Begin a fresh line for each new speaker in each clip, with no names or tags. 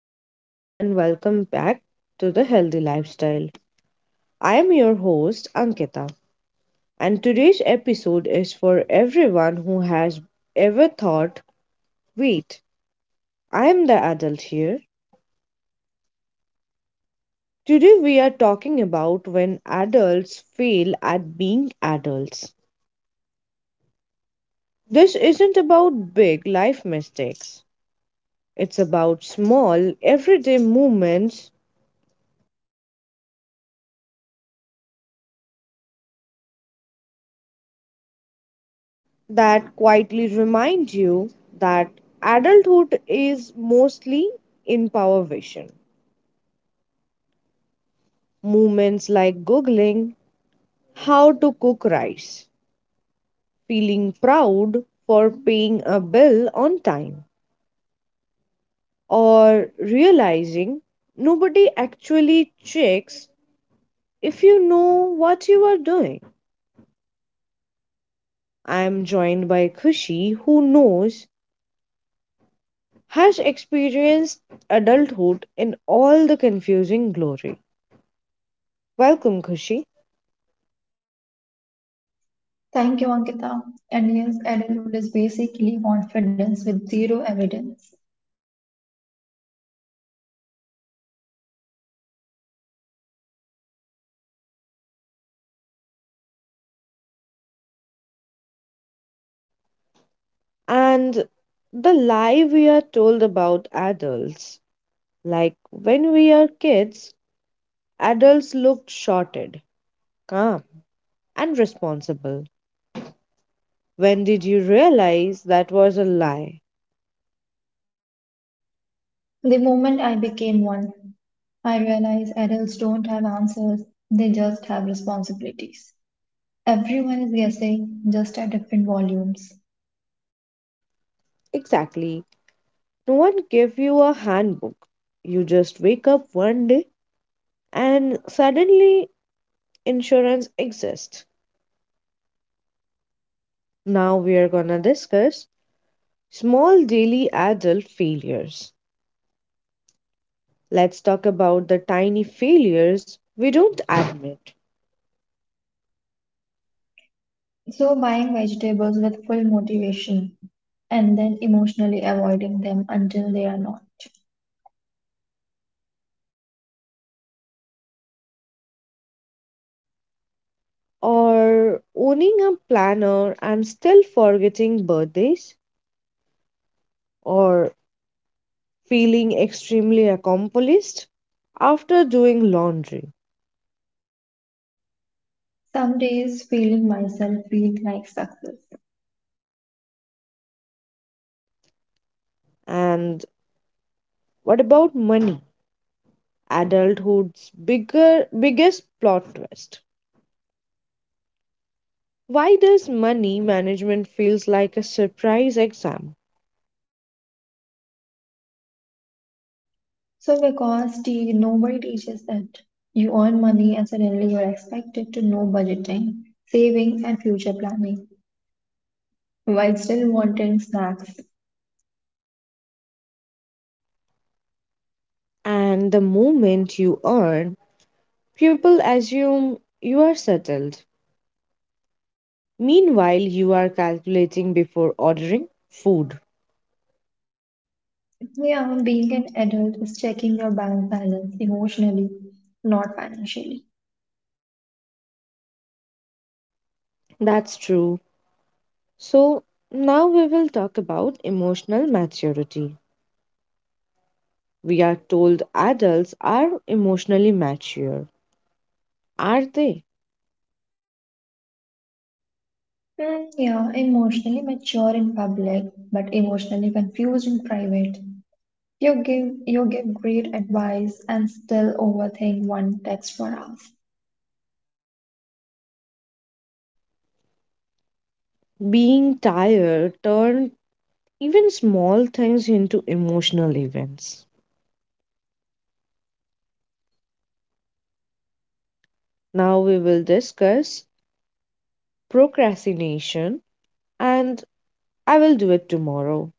everyone, and welcome back to the Healthy Lifestyle. I am your host, Ankita, and today's episode is for everyone who has ever thought, wait, I am the adult here. Today, we are talking about when adults fail at being adults. This isn't about big life mistakes, it's about small, everyday moments that quietly remind you that adulthood is mostly in power vision. Movements like Googling how to cook rice, feeling proud for paying a bill on time, or realizing nobody actually checks if you know what you are doing. I am joined by Kushi, who knows, has experienced adulthood in all the confusing glory. Welcome, Kushi.
Thank you, Ankita. And yes, adulthood is basically confidence with zero evidence.
And the lie we are told about adults, like when we are kids, adults looked shorted, calm, and responsible. When did you realize that was a lie?
The moment I became one, I realized adults don't have answers, they just have responsibilities. Everyone is guessing, just at different volumes.
Exactly. No one gave you a handbook. You just wake up one day and suddenly insurance exists. Now we are gonna discuss small daily adult failures. Let's talk about the tiny failures we don't admit.
So, buying vegetables with full motivation and then emotionally avoiding them until they are not.
Or owning a planner and still forgetting birthdays, or feeling extremely accomplished after doing laundry.
Some days, feeling myself feel like success.
And what about money? Adulthood's bigger biggest plot twist. Why does money management feels like a surprise exam?
Nobody teaches that you earn money and suddenly you're expected to know budgeting, saving and future planning while still wanting snacks.
And the moment you earn, people assume you are settled. Meanwhile, you are calculating before ordering food.
Yeah, being an adult is checking your bank balance emotionally, not financially.
That's true. So, now we will talk about emotional maturity. We are told adults are emotionally mature. Are they?
Mm, yeah, emotionally mature in public, but emotionally confused in private. You give great advice and still overthink one text for hours.
Being tired turned even small things into emotional events. Now we will discuss procrastination and I will do it tomorrow.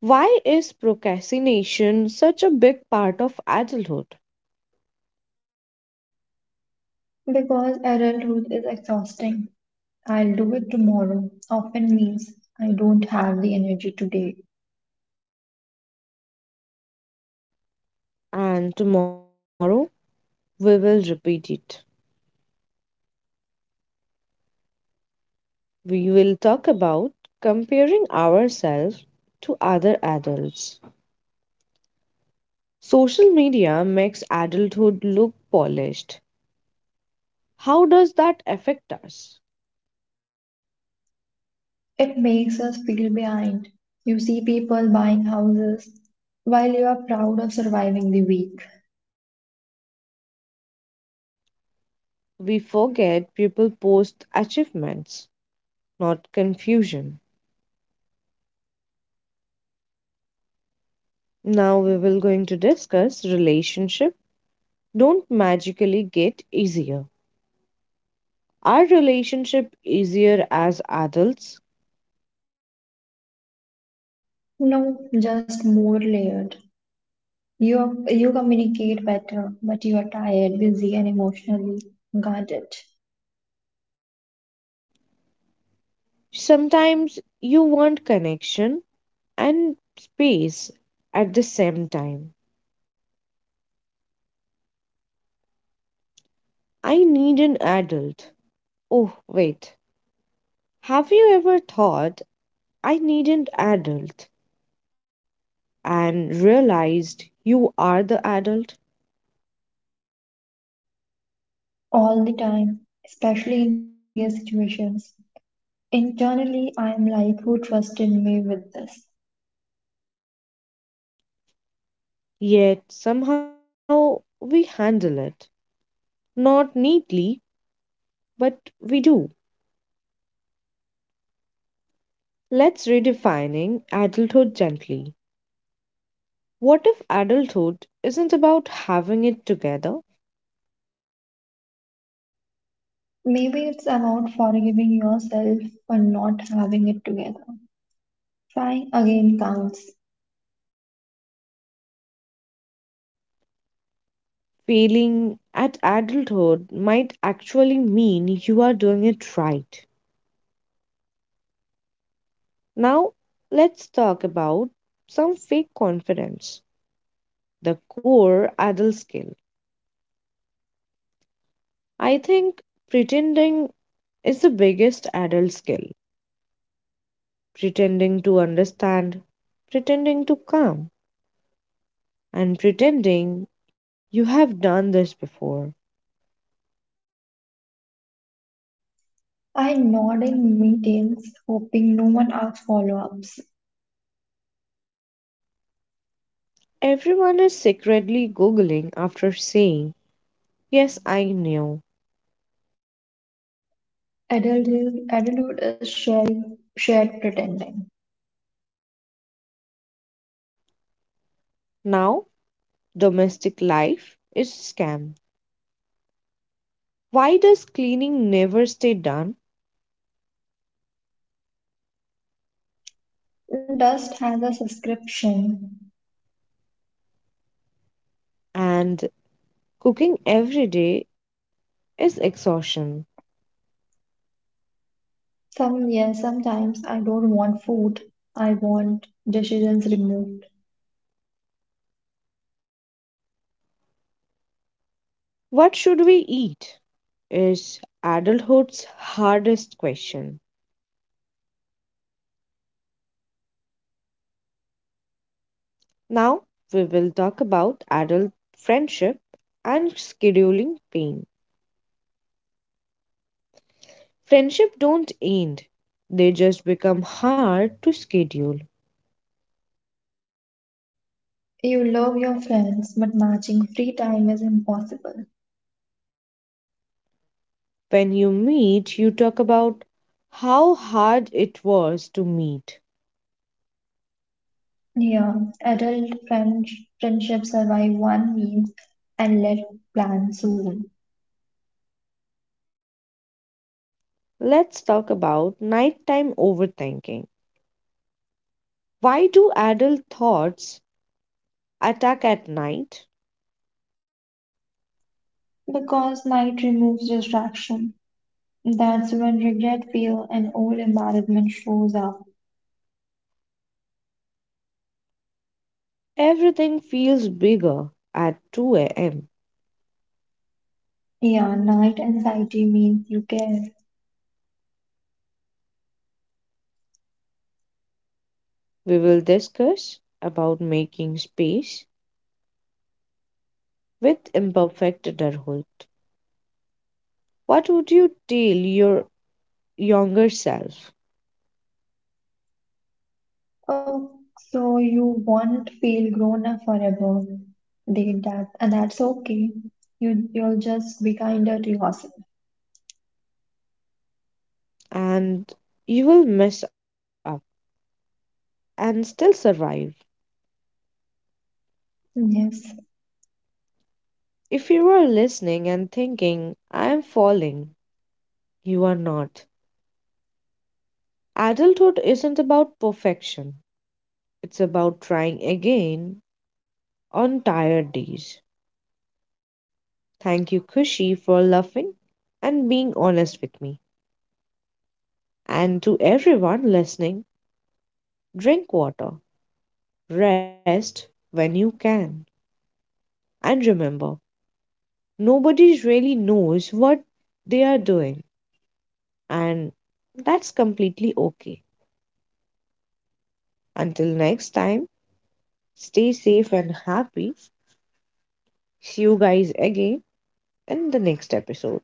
Why is procrastination such a big part of adulthood?
Because adulthood is exhausting. I'll do it tomorrow often means I don't have the energy today.
And tomorrow we will repeat it. We will talk about comparing ourselves to other adults. Social media makes adulthood look polished. How does that affect us?
It makes us feel behind. You see people buying houses while you are proud of surviving the week.
We forget people post achievements, not confusion. Now we will going to discuss relationship don't magically get easier. Are relationship easier as adults?
No, just more layered. You communicate better, but you are tired, busy, and emotionally guarded
Sometimes you want connection and space at the same time. I need an adult. Oh, wait. Have you ever thought, I need an adult, and realized you are the adult?
all the time, especially in serious situations. Internally, I am like, who trusted me with this?
Yet somehow we handle it. Not neatly, but we do. Let's redefining adulthood gently. What if adulthood isn't about having it together?
Maybe it's about forgiving yourself for not having it together. Trying again counts.
Failing at adulthood might actually mean you are doing it right. Now, let's talk about some fake confidence, the core adult skill. I think pretending is the biggest adult skill. Pretending to understand, pretending to calm, and pretending you have done this before.
I nod in meetings, hoping no one asks follow ups.
Everyone is secretly googling after saying, "Yes, I knew."
Adulthood is shared pretending.
Now, domestic life is scam. Why does cleaning never stay done
Dust has a subscription.
and cooking every day is exhaustion?
Some yes, sometimes I don't want food. I want decisions removed.
What should we eat? Is adulthood's hardest question. Now we will talk about adult friendship and scheduling pain. Friendship don't end. They just become hard to schedule.
You love your friends, but matching free time is impossible.
When you meet, you talk about how hard it was to meet.
Yeah, adult friends, friendships survive one meal and let plan soon
Let's talk about nighttime overthinking. Why do adult thoughts attack at night?
because night removes distraction. That's when regret, fear, and old embarrassment shows up.
Everything feels bigger at 2 a.m.
Yeah, night anxiety means you care.
We will discuss about making space with imperfect adulthood. What would you tell your younger self?
Oh, so you won't feel grown up forever. They that and that's okay. You'll just be kinder to yourself.
And you will mess up and still survive.
Yes.
If you are listening and thinking, I am falling, you are not. Adulthood isn't about perfection. It's about trying again on tired days. Thank you, Kushi, for laughing and being honest with me. And to everyone listening, drink water, rest when you can, and remember, nobody really knows what they are doing, and that's completely okay. Until next time, stay safe and happy. See you guys again in the next episode.